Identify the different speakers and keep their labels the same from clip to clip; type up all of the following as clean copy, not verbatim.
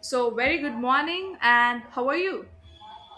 Speaker 1: So, very good morning, and how are you?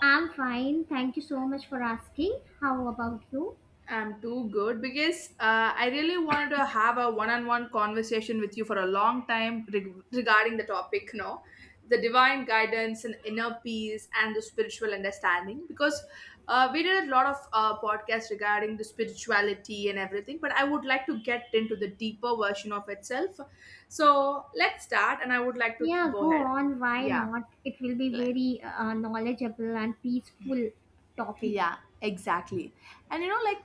Speaker 2: I'm fine. Thank you so much for asking. How about you?
Speaker 1: I'm too good because I really wanted to have a one on one conversation with you for a long time regarding the topic, no? The divine guidance and inner peace and the spiritual understanding. Because we did a lot of podcasts regarding the spirituality and everything, but I would like to get into the deeper version of itself. So, let's start, and I would like to
Speaker 2: Yeah,
Speaker 1: go
Speaker 2: go
Speaker 1: ahead.
Speaker 2: on. Why
Speaker 1: Yeah.
Speaker 2: not? It will be
Speaker 1: Le-
Speaker 2: very knowledgeable and peaceful topic.
Speaker 1: Yeah, exactly. And you know, like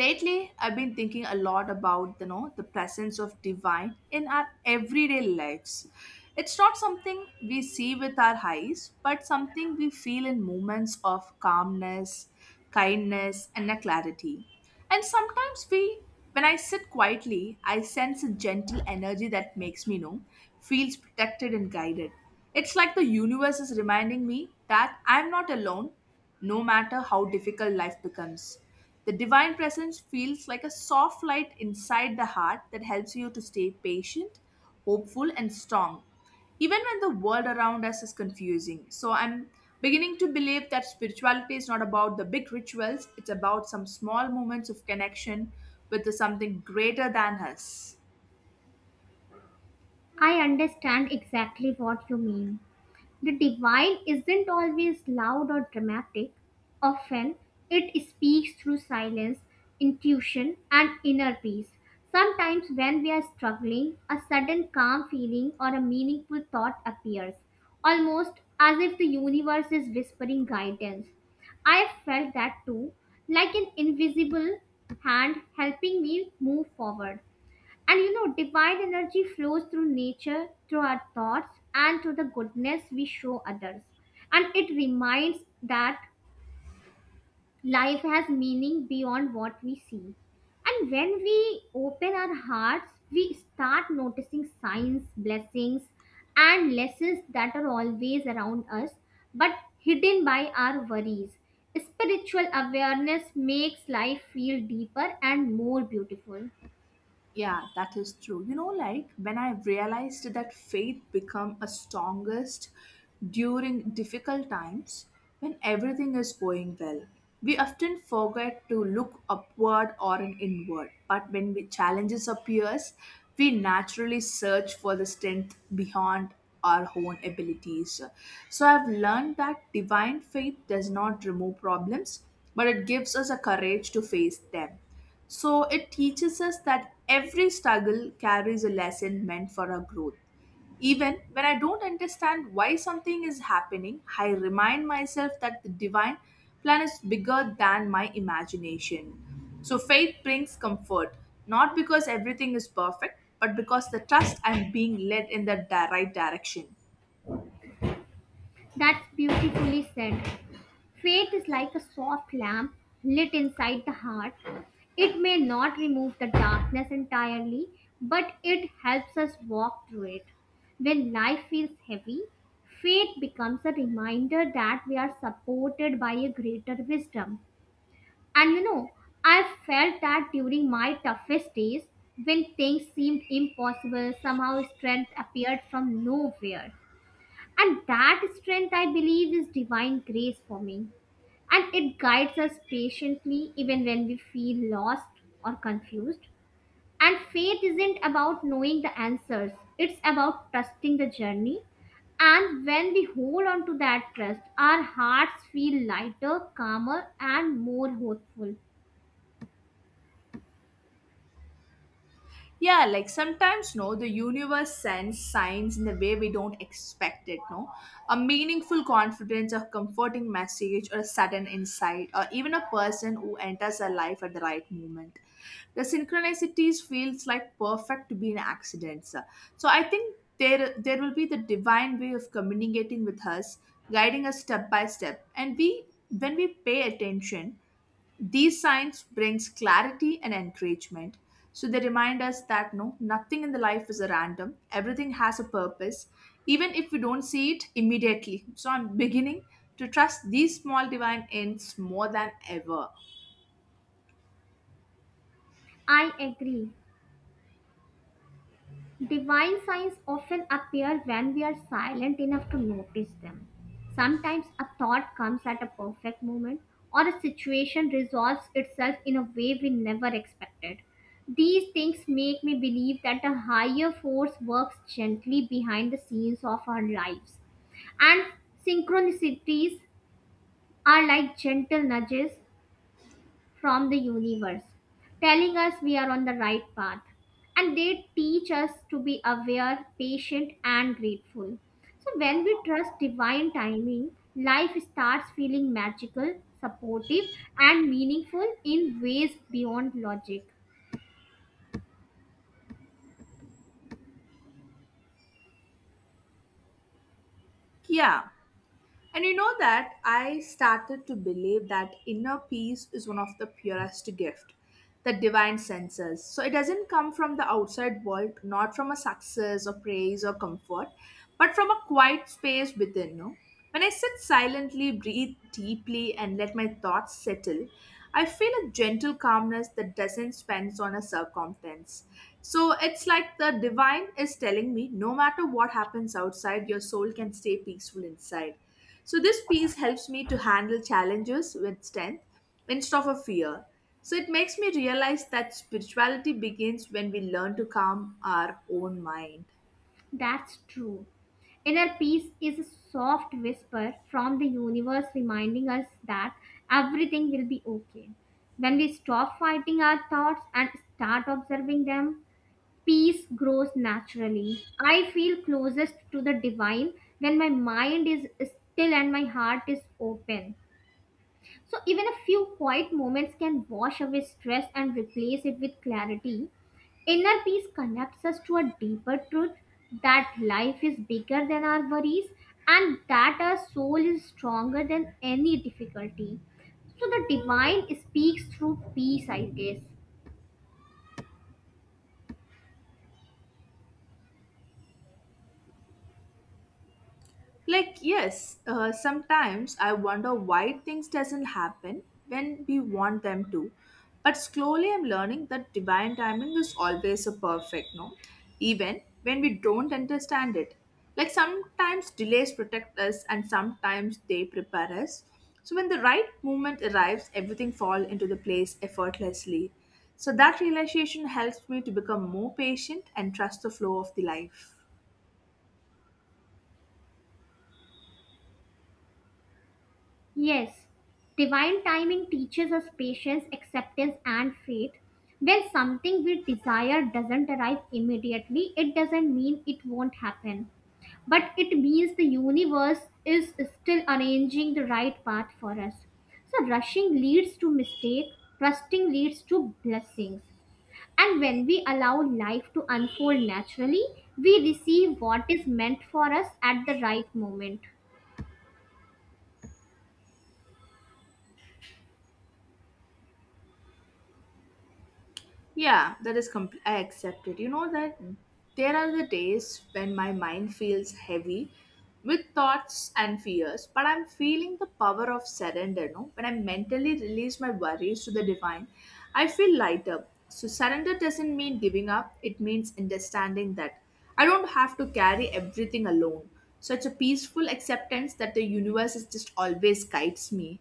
Speaker 1: lately I've been thinking a lot about the presence of divine in our everyday lives. It's not something we see with our eyes, but something we feel in moments of calmness, kindness, and a clarity. And sometimes we, when I sit quietly, I sense a gentle energy that makes me, feels protected and guided. It's like the universe is reminding me that I'm not alone, no matter how difficult life becomes. The divine presence feels like a soft light inside the heart that helps you to stay patient, hopeful, and strong, even when the world around us is confusing. So I'm beginning to believe that spirituality is not about the big rituals, it's about some small moments of connection with the something greater than us.
Speaker 2: I understand exactly what you mean. The divine isn't always loud or dramatic. Often, it speaks through silence, intuition, and inner peace. Sometimes, when we are struggling, a sudden calm feeling or a meaningful thought appears, almost as if the universe is whispering guidance. I have felt that too, like an invisible hand helping me move forward. And you know, divine energy flows through nature, through our thoughts, and through the goodness we show others. And it reminds that life has meaning beyond what we see. And when we open our hearts, we start noticing signs, blessings, and lessons that are always around us but hidden by our worries. Spiritual awareness makes life feel deeper and more beautiful.
Speaker 1: Yeah, that is true. You know, like when I realized that faith become a strongest during difficult times when everything is going well. We often forget to look upward or an inward, but when we challenges appears, we naturally search for the strength beyond our own abilities. So I've learned that divine faith does not remove problems, but it gives us a courage to face them, so it teaches us that every struggle carries a lesson meant for our growth. Even when I don't understand why something is happening, I remind myself that the divine plan is bigger than my imagination. So faith brings comfort, not because everything is perfect, but because the trust I'm being led in the right direction.
Speaker 2: That's beautifully said. Faith is like a soft lamp lit inside the heart. It may not remove the darkness entirely, but it helps us walk through it. When life feels heavy, faith becomes a reminder that we are supported by a greater wisdom. And you know, I felt that during my toughest days, when things seemed impossible, somehow strength appeared from nowhere. And that strength, I believe, is divine grace for me. And it guides us patiently even when we feel lost or confused. And faith isn't about knowing the answers, it's about trusting the journey. And when we hold on to that trust, our hearts feel lighter, calmer, and more hopeful.
Speaker 1: Yeah, like sometimes, no, the universe sends signs in the way we don't expect it, no? A meaningful confidence, a comforting message, or a sudden insight, or even a person who enters our life at the right moment. The synchronicities feels like perfect to be an accident, sir. So I think there will be the divine way of communicating with us, guiding us step by step, and we, when we pay attention, these signs brings clarity and encouragement. So they remind us that, no, nothing in the life is a random. Everything has a purpose, even if we don't see it immediately. So I'm beginning to trust these small divine ends more than ever.
Speaker 2: I agree. Divine signs often appear when we are silent enough to notice them. Sometimes a thought comes at a perfect moment, or a situation resolves itself in a way we never expected. These things make me believe that a higher force works gently behind the scenes of our lives. And synchronicities are like gentle nudges from the universe, telling us we are on the right path. And they teach us to be aware, patient, and grateful. So, when we trust divine timing, life starts feeling magical, supportive, and meaningful in ways beyond logic.
Speaker 1: Yeah. And you know that I started to believe that inner peace is one of the purest gift, the divine senses. So it doesn't come from the outside world, not from a success or praise or comfort, but from a quiet space within, no? When I sit silently, breathe deeply, and let my thoughts settle, I feel a gentle calmness that doesn't spend on a circumstance. So it's like the divine is telling me, no matter what happens outside, your soul can stay peaceful inside. So this piece helps me to handle challenges with strength instead of a fear. So it makes me realize that spirituality begins when we learn to calm our own mind.
Speaker 2: That's true. Inner peace is a soft whisper from the universe reminding us that everything will be okay. When we stop fighting our thoughts and start observing them, peace grows naturally. I feel closest to the divine when my mind is still and my heart is open. So, even a few quiet moments can wash away stress and replace it with clarity. Inner peace connects us to a deeper truth that life is bigger than our worries and that our soul is stronger than any difficulty. So, the divine speaks through peace, I guess.
Speaker 1: Like, yes, sometimes I wonder why things doesn't happen when we want them to, but slowly I'm learning that divine timing is always a perfect, no? Even when we don't understand it, like sometimes delays protect us and sometimes they prepare us. So when the right moment arrives, everything fall into the place effortlessly. So that realization helps me to become more patient and trust the flow of the life.
Speaker 2: Yes, divine timing teaches us patience, acceptance, and faith. When something we desire doesn't arrive immediately, it doesn't mean it won't happen, but it means the universe is still arranging the right path for us. So, rushing leads to mistake, trusting leads to blessings. And when we allow life to unfold naturally, we receive what is meant for us at the right moment.
Speaker 1: Yeah, that is I accept it. You know that there are the days when my mind feels heavy with thoughts and fears, but I'm feeling the power of surrender. No, when I mentally release my worries to the divine, I feel lighter. So surrender doesn't mean giving up. It means understanding that I don't have to carry everything alone. Such a peaceful acceptance that the universe is just always guides me.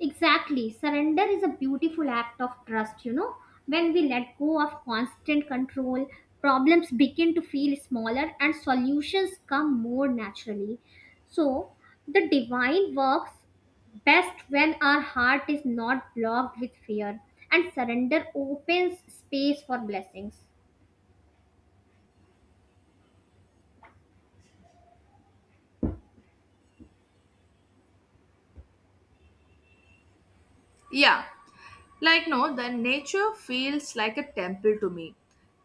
Speaker 2: Exactly. Surrender is a beautiful act of trust, you know. When we let go of constant control, problems begin to feel smaller and solutions come more naturally. So, the divine works best when our heart is not blocked with fear, and surrender opens space for blessings.
Speaker 1: Yeah. Like, no, the nature feels like a temple to me.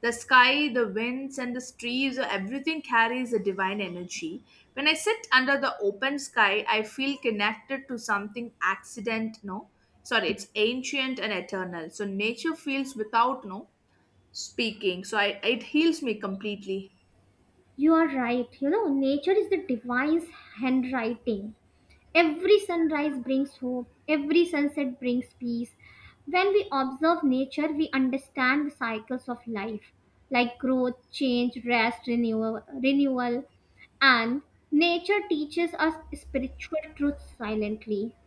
Speaker 1: The sky, the winds, and the trees, everything carries a divine energy. When I sit under the open sky, I feel connected to something accident, no? Sorry, it's ancient and eternal. So nature feels without, no, speaking. So I, it heals me completely.
Speaker 2: You are right. You know, nature is the divine's handwriting. Every sunrise brings hope, every sunset brings peace. When we observe nature, we understand the cycles of life like growth, change, rest, renewal, renewal. And nature teaches us spiritual truths silently.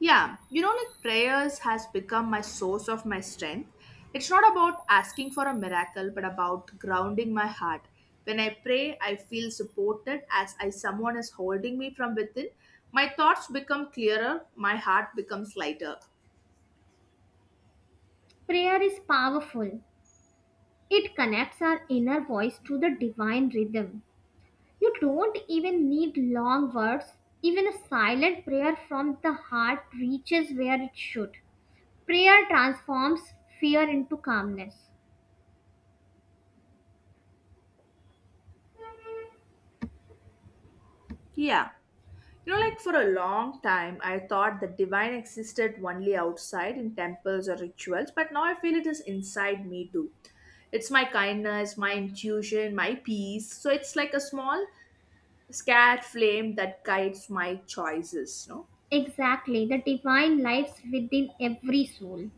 Speaker 1: Yeah, you know, like prayers has become my source of my strength. It's not about asking for a miracle, but about grounding my heart. When I pray, I feel supported as I someone is holding me from within. My thoughts become clearer, my heart becomes lighter.
Speaker 2: Prayer is powerful, it connects our inner voice to the divine rhythm. You don't even need long words. Even a silent prayer from the heart reaches where it should. Prayer transforms fear into calmness.
Speaker 1: Yeah. You know, like for a long time, I thought the divine existed only outside in temples or rituals, but now I feel it is inside me too. It's my kindness, my intuition, my peace. So it's like a small scared flame that guides my choices, no?
Speaker 2: Exactly, the divine lives within every soul.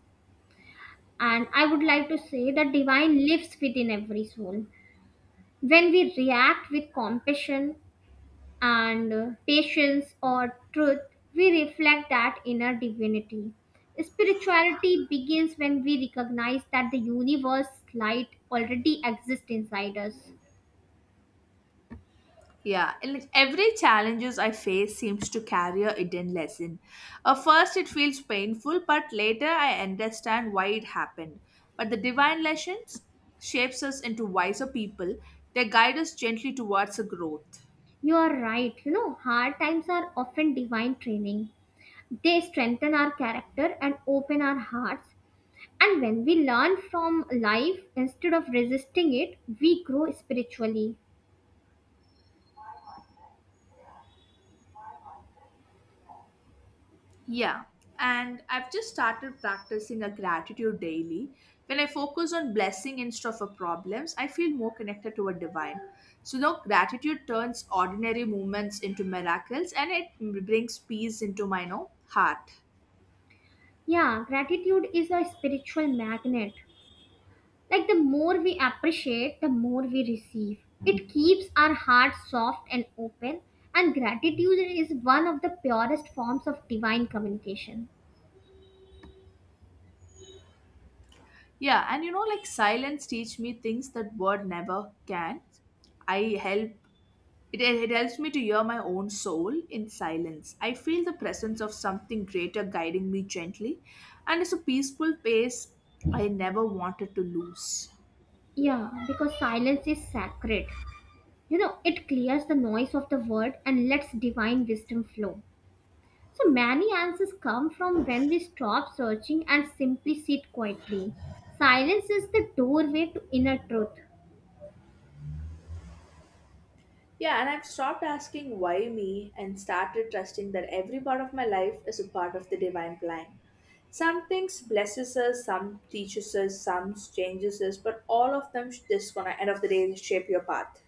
Speaker 2: And I would like to say the divine lives within every soul. When we react with compassion, and patience or truth, we reflect that inner divinity. Spirituality begins when we recognize that the universe light already exists inside us.
Speaker 1: Yeah, and like every challenges I face seems to carry a hidden lesson. At first it feels painful, but later I understand why it happened. But the divine lessons shapes us into wiser people, they guide us gently towards a growth.
Speaker 2: You are right, you know, hard times are often divine training. They strengthen our character and open our hearts. And when we learn from life instead of resisting it, we grow spiritually.
Speaker 1: Yeah, and I've just started practicing a gratitude daily. When I focus on blessing instead of a problems, I feel more connected to a divine. So now gratitude turns ordinary moments into miracles, and it brings peace into my, heart.
Speaker 2: Yeah, gratitude is a spiritual magnet. Like the more we appreciate, the more we receive. It keeps our heart soft and open, and gratitude is one of the purest forms of divine communication.
Speaker 1: Yeah, and you know like silence teach me things that word never can. I help It helps me to hear my own soul in silence. I feel the presence of something greater guiding me gently, and it's a peaceful pace I never wanted to lose.
Speaker 2: Yeah, because silence is sacred. You know, it clears the noise of the world and lets divine wisdom flow. So many answers come from when we stop searching and simply sit quietly. Silence is the doorway to inner truth.
Speaker 1: Yeah, and I've stopped asking why me and started trusting that every part of my life is a part of the divine plan. Some things blesses us, some teaches us, some changes us, but all of them, this gonna end of the day, shape your path.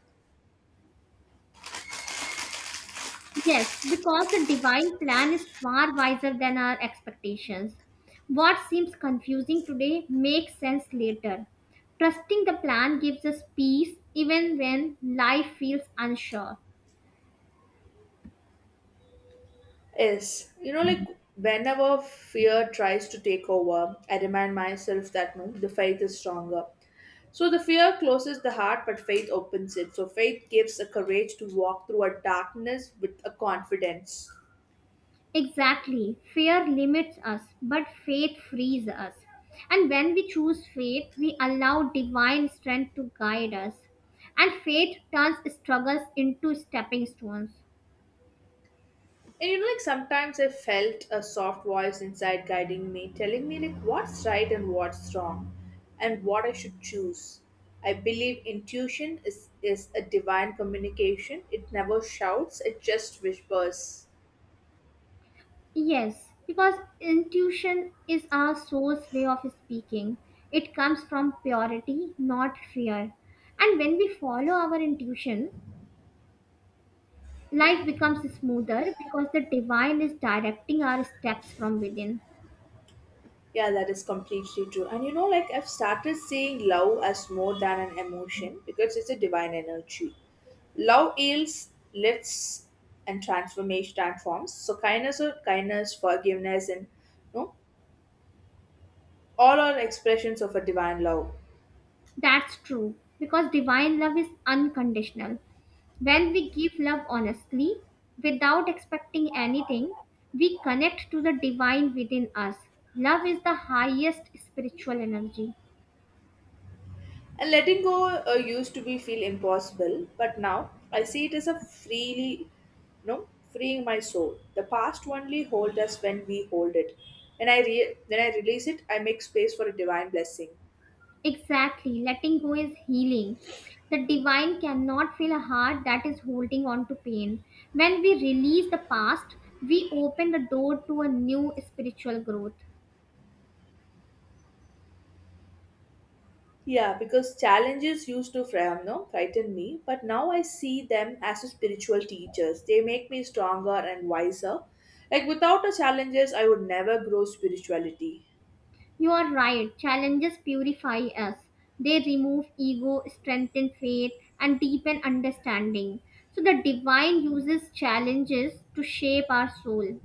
Speaker 2: Yes, because the divine plan is far wiser than our expectations. What seems confusing today makes sense later. Trusting the plan gives us peace even when life feels unsure.
Speaker 1: Yes, you know, like whenever fear tries to take over, I remind myself that, no, the faith is stronger. So the fear closes the heart, but faith opens it. So faith gives the courage to walk through a darkness with a confidence.
Speaker 2: Exactly, fear limits us, but faith frees us. And when we choose faith, we allow divine strength to guide us. And faith turns struggles into stepping stones.
Speaker 1: And you know, like sometimes I felt a soft voice inside guiding me, telling me like what's right and what's wrong, and what I should choose. I believe intuition is a divine communication. It never shouts, it just whispers.
Speaker 2: Yes, because intuition is our source way of speaking. It comes from purity, not fear. And when we follow our intuition, life becomes smoother because the divine is directing our steps from within.
Speaker 1: Yeah, that is completely true. And you know, like I've started seeing love as more than an emotion because it's a divine energy. Love heals, lifts, and transformation transforms. So kindness or kindness, forgiveness, and, you know, all are expressions of a divine love.
Speaker 2: That's true, because divine love is unconditional. When we give love honestly, without expecting anything, we connect to the divine within us. Love is the highest spiritual energy.
Speaker 1: And letting go used to be feel impossible, but now I see it as a freely, no, freeing my soul. The past only hold us when we hold it. When I when I release it, I make space for a divine blessing.
Speaker 2: Exactly, letting go is healing. The divine cannot feel a heart that is holding on to pain. When we release the past, we open the door to a new spiritual growth.
Speaker 1: Yeah, because challenges used to no, frighten me, but now I see them as spiritual teachers. They make me stronger and wiser. Like without the challenges, I would never grow spirituality.
Speaker 2: You are right, challenges purify us. They remove ego, strengthen faith, and deepen understanding. So, the divine uses challenges to shape our soul.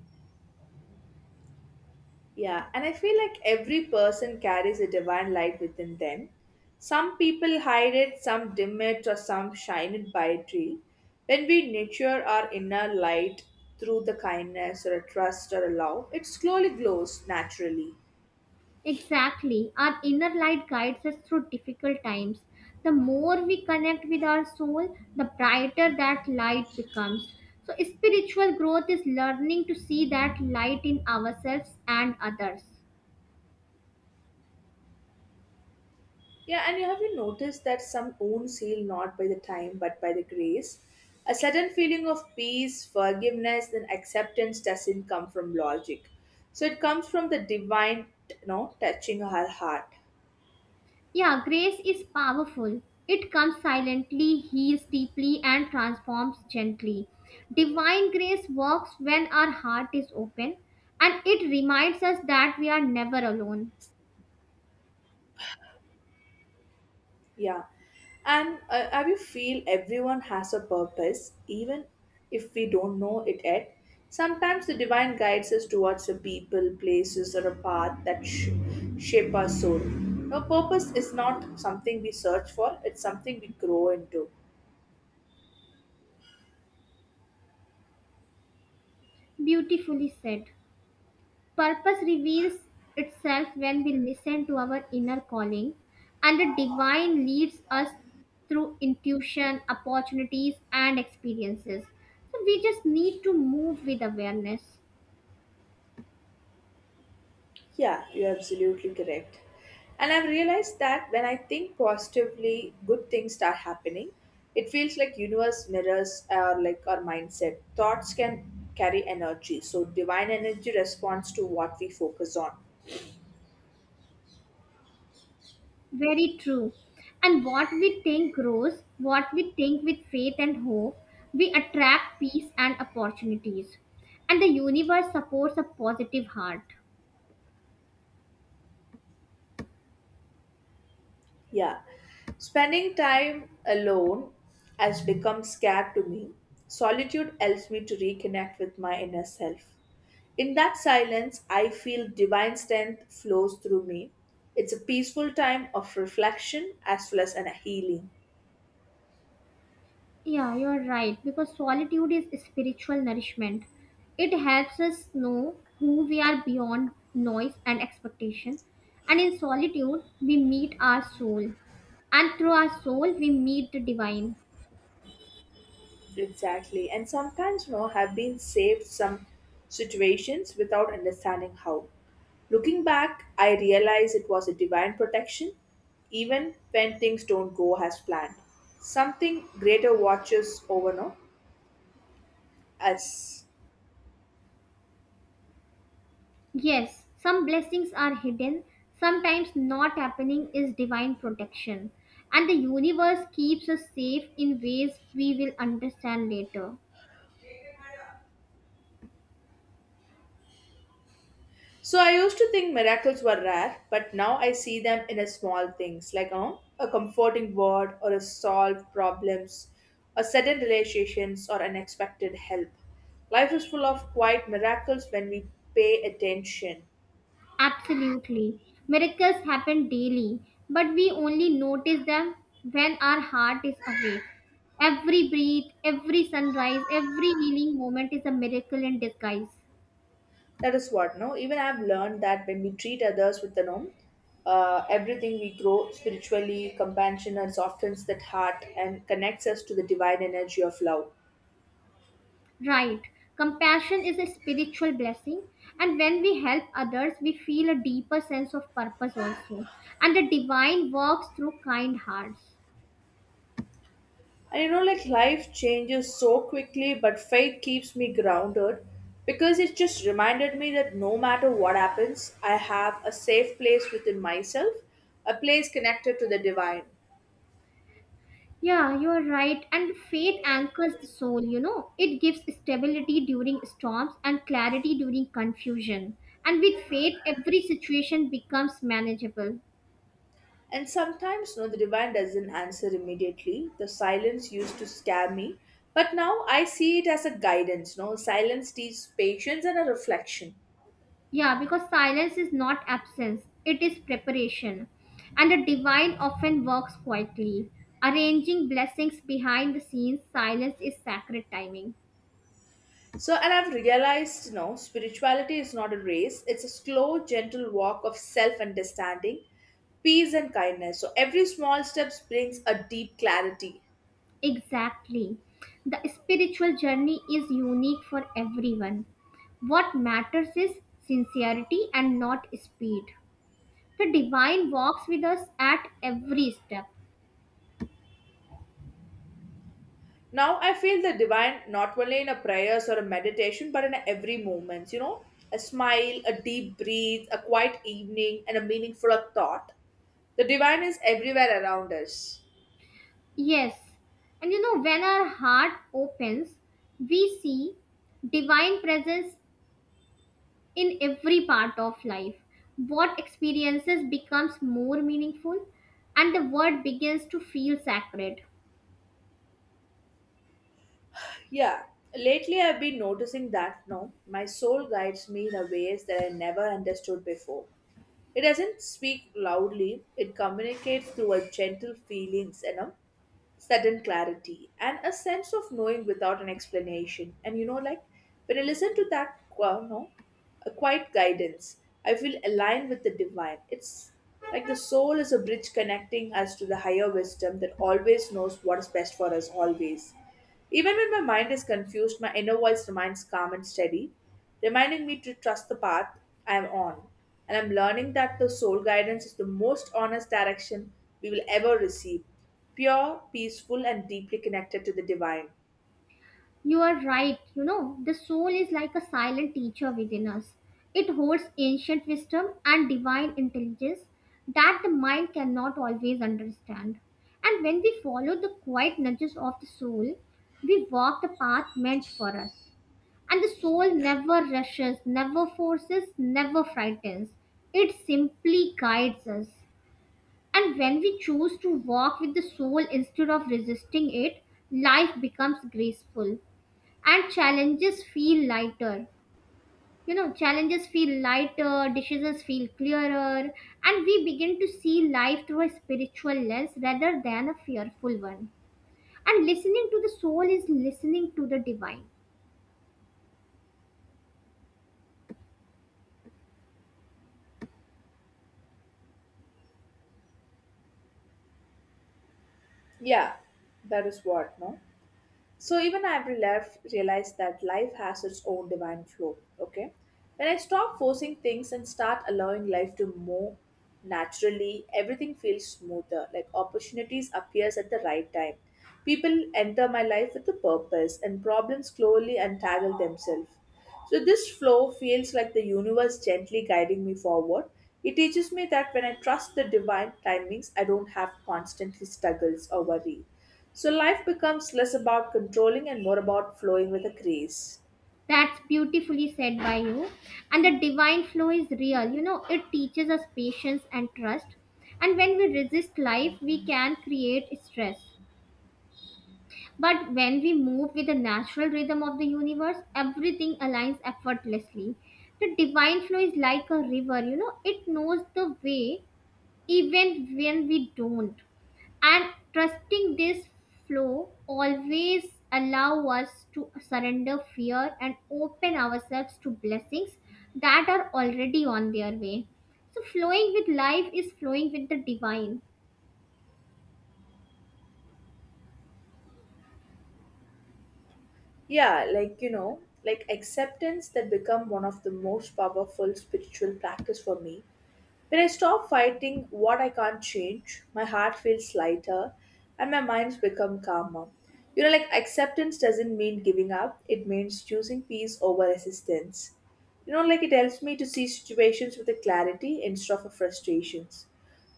Speaker 1: Yeah, and I feel like every person carries a divine light within them. Some people hide it, some dim it, or some shine it brightly. When we nurture our inner light through the kindness or a trust or a love, it slowly glows naturally.
Speaker 2: Exactly. Our inner light guides us through difficult times. The more we connect with our soul, the brighter that light becomes. So, spiritual growth is learning to see that light in ourselves and others.
Speaker 1: Yeah, and you have you noticed that some own seal not by the time but by the grace? A sudden feeling of peace, forgiveness, and acceptance doesn't come from logic. So it comes from the divine, you know, touching her heart.
Speaker 2: Yeah, grace is powerful. It comes silently, heals deeply, and transforms gently. Divine grace works when our heart is open and it reminds us that we are never alone.
Speaker 1: Yeah. And have you feel everyone has a purpose, even if we don't know it yet? Sometimes the divine guides us towards the people, places, or a path that shape our soul. Now, purpose is not something we search for; it's something we grow into.
Speaker 2: Beautifully said. Purpose reveals itself when we listen to our inner calling, and the divine leads us through intuition, opportunities, and experiences. So we just need to move with awareness.
Speaker 1: Yeah, you're absolutely correct. And I've realized that when I think positively, good things start happening. It feels like universe mirrors our, like, our mindset. Thoughts can carry energy, so divine energy responds to what we focus on.
Speaker 2: Very true. And what we think grows, what we think with faith and hope, we attract peace and opportunities. And the universe supports a positive heart.
Speaker 1: Yeah. Spending time alone has become scared to me. Solitude helps me to reconnect with my inner self. In that silence, I feel divine strength flows through me. It's a peaceful time of reflection as well as an healing.
Speaker 2: Yeah, you're right. Because solitude is spiritual nourishment. It helps us know who we are beyond noise and expectation. And in solitude, we meet our soul. And through our soul, we meet the divine.
Speaker 1: Exactly. And sometimes, you know, have been saved some situations without understanding how. Looking back, I realize it was a divine protection, even when things don't go as planned. Something greater watches over, no, us.
Speaker 2: Yes, some blessings are hidden. Sometimes not happening is divine protection. And the universe keeps us safe in ways we will understand later.
Speaker 1: So I used to think miracles were rare, but now I see them in a small things like a comforting word or a solved problems or sudden realizations or unexpected help. Life is full of quiet miracles when we pay attention.
Speaker 2: Absolutely. Miracles happen daily, but we only notice them when our heart is awake. Every breath, every sunrise, every healing moment is a miracle in disguise.
Speaker 1: That is what no. Even I've learned that when we treat others with the no, everything we grow spiritually, compassion and softens that heart and connects us to the divine energy of love.
Speaker 2: Right. Compassion is a spiritual blessing, and when we help others, we feel a deeper sense of purpose also. And the divine works through kind hearts.
Speaker 1: And like life changes so quickly, but faith keeps me grounded because it just reminded me that no matter what happens, I have a safe place within myself, a place connected to the divine.
Speaker 2: Yeah, you are right. And faith anchors the soul, you know. It gives stability during storms and clarity during confusion. And with faith, every situation becomes manageable.
Speaker 1: And sometimes, no, the divine doesn't answer immediately. The silence used to scare me, but now I see it as a guidance. No, silence teaches patience and a reflection.
Speaker 2: Yeah, because silence is not absence, it is preparation. And the divine often works quietly, arranging blessings behind the scenes. Silence is sacred timing.
Speaker 1: So, and I've realized, spirituality is not a race, it's a slow, gentle walk of self understanding, peace, and kindness. So, every small step brings a deep clarity.
Speaker 2: Exactly. The spiritual journey is unique for everyone. What matters is sincerity and not speed. The divine walks with us at every step.
Speaker 1: Now, I feel the divine not only in a prayers or a meditation, but in every moment, a smile, a deep breath, a quiet evening, and a meaningful thought. The divine is everywhere around us.
Speaker 2: Yes. And you know, when our heart opens, we see divine presence in every part of life. What experiences becomes more meaningful and the world begins to feel sacred.
Speaker 1: Yeah. Lately, I've been noticing that no, my soul guides me in a ways that I never understood before. It doesn't speak loudly, it communicates through our gentle feelings, sudden clarity and a sense of knowing without an explanation. And like when I listen to that, no, a quiet guidance, I feel aligned with the divine. It's like the soul is a bridge connecting us to the higher wisdom that always knows what is best for us always. Even when my mind is confused, my inner voice remains calm and steady, reminding me to trust the path I am on. And I'm learning that the soul guidance is the most honest direction we will ever receive pure, peaceful, and deeply connected to the divine.
Speaker 2: You are right. You know, the soul is like a silent teacher within us. It holds ancient wisdom and divine intelligence that the mind cannot always understand. And when we follow the quiet nudges of the soul, we walk the path meant for us. And the soul never rushes, never forces, never frightens. It simply guides us. And when we choose to walk with the soul instead of resisting it, life becomes graceful and challenges feel lighter, decisions feel clearer, and we begin to see life through a spiritual lens rather than a fearful one. And listening to the soul is listening to the divine.
Speaker 1: Yeah, that is what, no? So even I've realized that life has its own divine flow. Okay, when I stop forcing things and start allowing life to move naturally, everything feels smoother. Like opportunities appears at the right time. People enter my life with a purpose, and problems slowly untangle themselves. So, this flow feels like the universe gently guiding me forward. It teaches me that when I trust the divine timings, I don't have constantly struggles or worry. So, life becomes less about controlling and more about flowing with a grace.
Speaker 2: That's beautifully said by you. And the divine flow is real, you know, it teaches us patience and trust. And when we resist life, we can create stress. But when we move with the natural rhythm of the universe, everything aligns effortlessly. The divine flow is like a river, you know, it knows the way even when we don't. And trusting this flow always allow us to surrender fear and open ourselves to blessings that are already on their way. So flowing with life is flowing with the divine.
Speaker 1: Yeah, like like acceptance that become one of the most powerful spiritual practice for me. When I stop fighting what I can't change, my heart feels lighter and my mind's become calmer. Like acceptance doesn't mean giving up, it means choosing peace over resistance. Like it helps me to see situations with a clarity instead of a frustrations.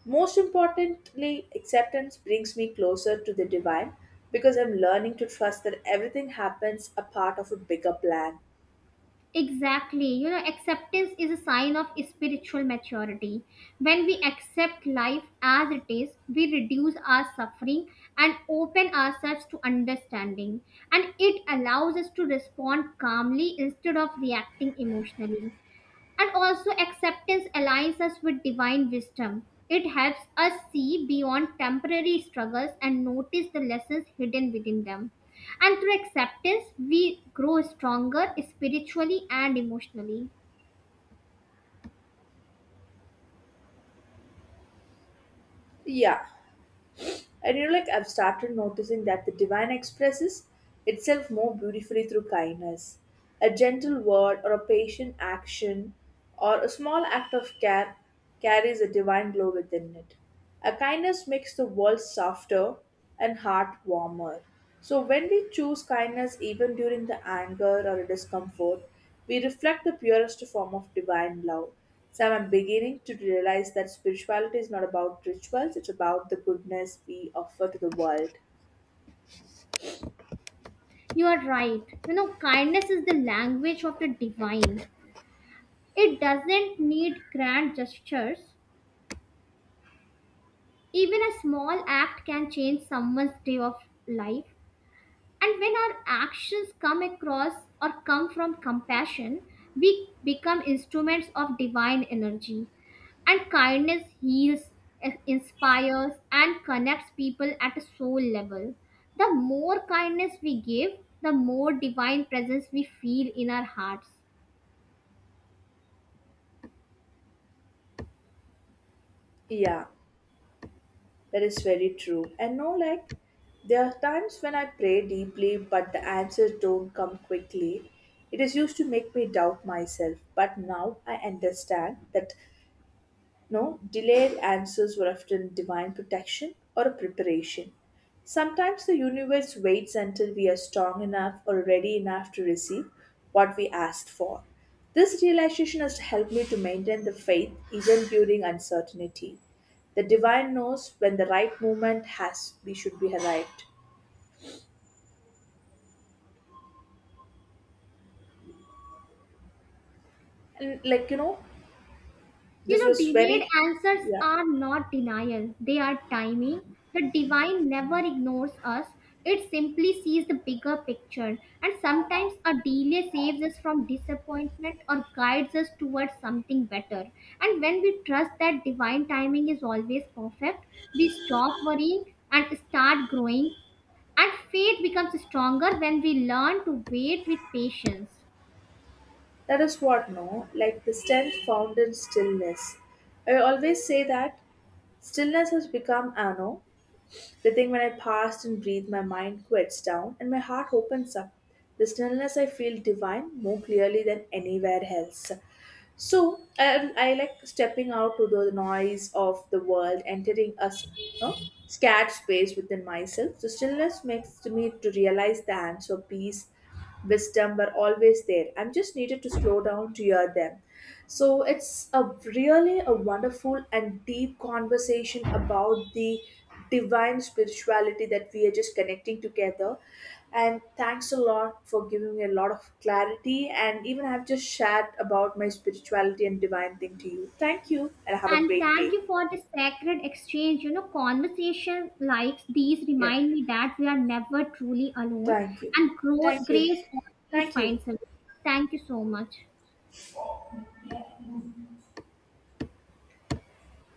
Speaker 1: Most importantly, acceptance brings me closer to the divine because I'm learning to trust that everything happens a part of a bigger plan.
Speaker 2: Exactly. You know, acceptance is a sign of spiritual maturity. When we accept life as it is, we reduce our suffering and open ourselves to understanding. And it allows us to respond calmly instead of reacting emotionally. And also, acceptance aligns us with divine wisdom. It helps us see beyond temporary struggles and notice the lessons hidden within them. And through acceptance, we grow stronger spiritually and emotionally.
Speaker 1: Yeah. And like I've started noticing that the divine expresses itself more beautifully through kindness. A gentle word or a patient action or a small act of care carries a divine glow within it. A kindness makes the world softer and heart warmer. So when we choose kindness even during the anger or a discomfort, we reflect the purest form of divine love. So I'm beginning to realize that spirituality is not about rituals, it's about the goodness we offer to the world.
Speaker 2: You are right. You know, kindness is the language of the divine. It doesn't need grand gestures. Even a small act can change someone's day of life. And when our actions come across or come from compassion, we become instruments of divine energy. And kindness heals, inspires, and connects people at a soul level. The more kindness we give, the more divine presence we feel in our hearts.
Speaker 1: Yeah, that is very true. And no, like, there are times when I pray deeply, but the answers don't come quickly. It is used to make me doubt myself, but now I understand that no, delayed answers were often divine protection or a preparation. Sometimes the universe waits until we are strong enough or ready enough to receive what we asked for. This realization has helped me to maintain the faith even during uncertainty. The divine knows when the right moment has we should be arrived. And like
Speaker 2: You
Speaker 1: this
Speaker 2: know,
Speaker 1: was
Speaker 2: delayed
Speaker 1: very
Speaker 2: answers
Speaker 1: yeah.
Speaker 2: are not denial, they are timing. The divine never ignores us, it simply sees the bigger picture. And sometimes a delay saves us from disappointment or guides us towards something better. And when we trust that divine timing is always perfect, we stop worrying and start growing. And faith becomes stronger when we learn to wait with patience.
Speaker 1: That is what, no? Like the strength found in stillness. I always say that stillness has become ano. They think when I pause and breathe, my mind quiets down and my heart opens up. The stillness I feel divine more clearly than anywhere else. So I like stepping out to the noise of the world, entering a you know, scared space within myself. So stillness makes me to realize the answer, peace, wisdom were always there. I'm just needed to slow down to hear them. So it's a really a wonderful and deep conversation about the divine spirituality that we are just connecting together. And thanks a lot for giving me a lot of clarity and even I've just shared about my spirituality and divine thing to you. Thank you and have a
Speaker 2: And
Speaker 1: great
Speaker 2: thank
Speaker 1: day.
Speaker 2: you for this sacred exchange. You know, conversation like these
Speaker 1: Yeah.
Speaker 2: remind me that we are never truly alone
Speaker 1: Thank you.
Speaker 2: and
Speaker 1: Thank you.
Speaker 2: grace always
Speaker 1: Thank you.
Speaker 2: finds us. Thank you so much.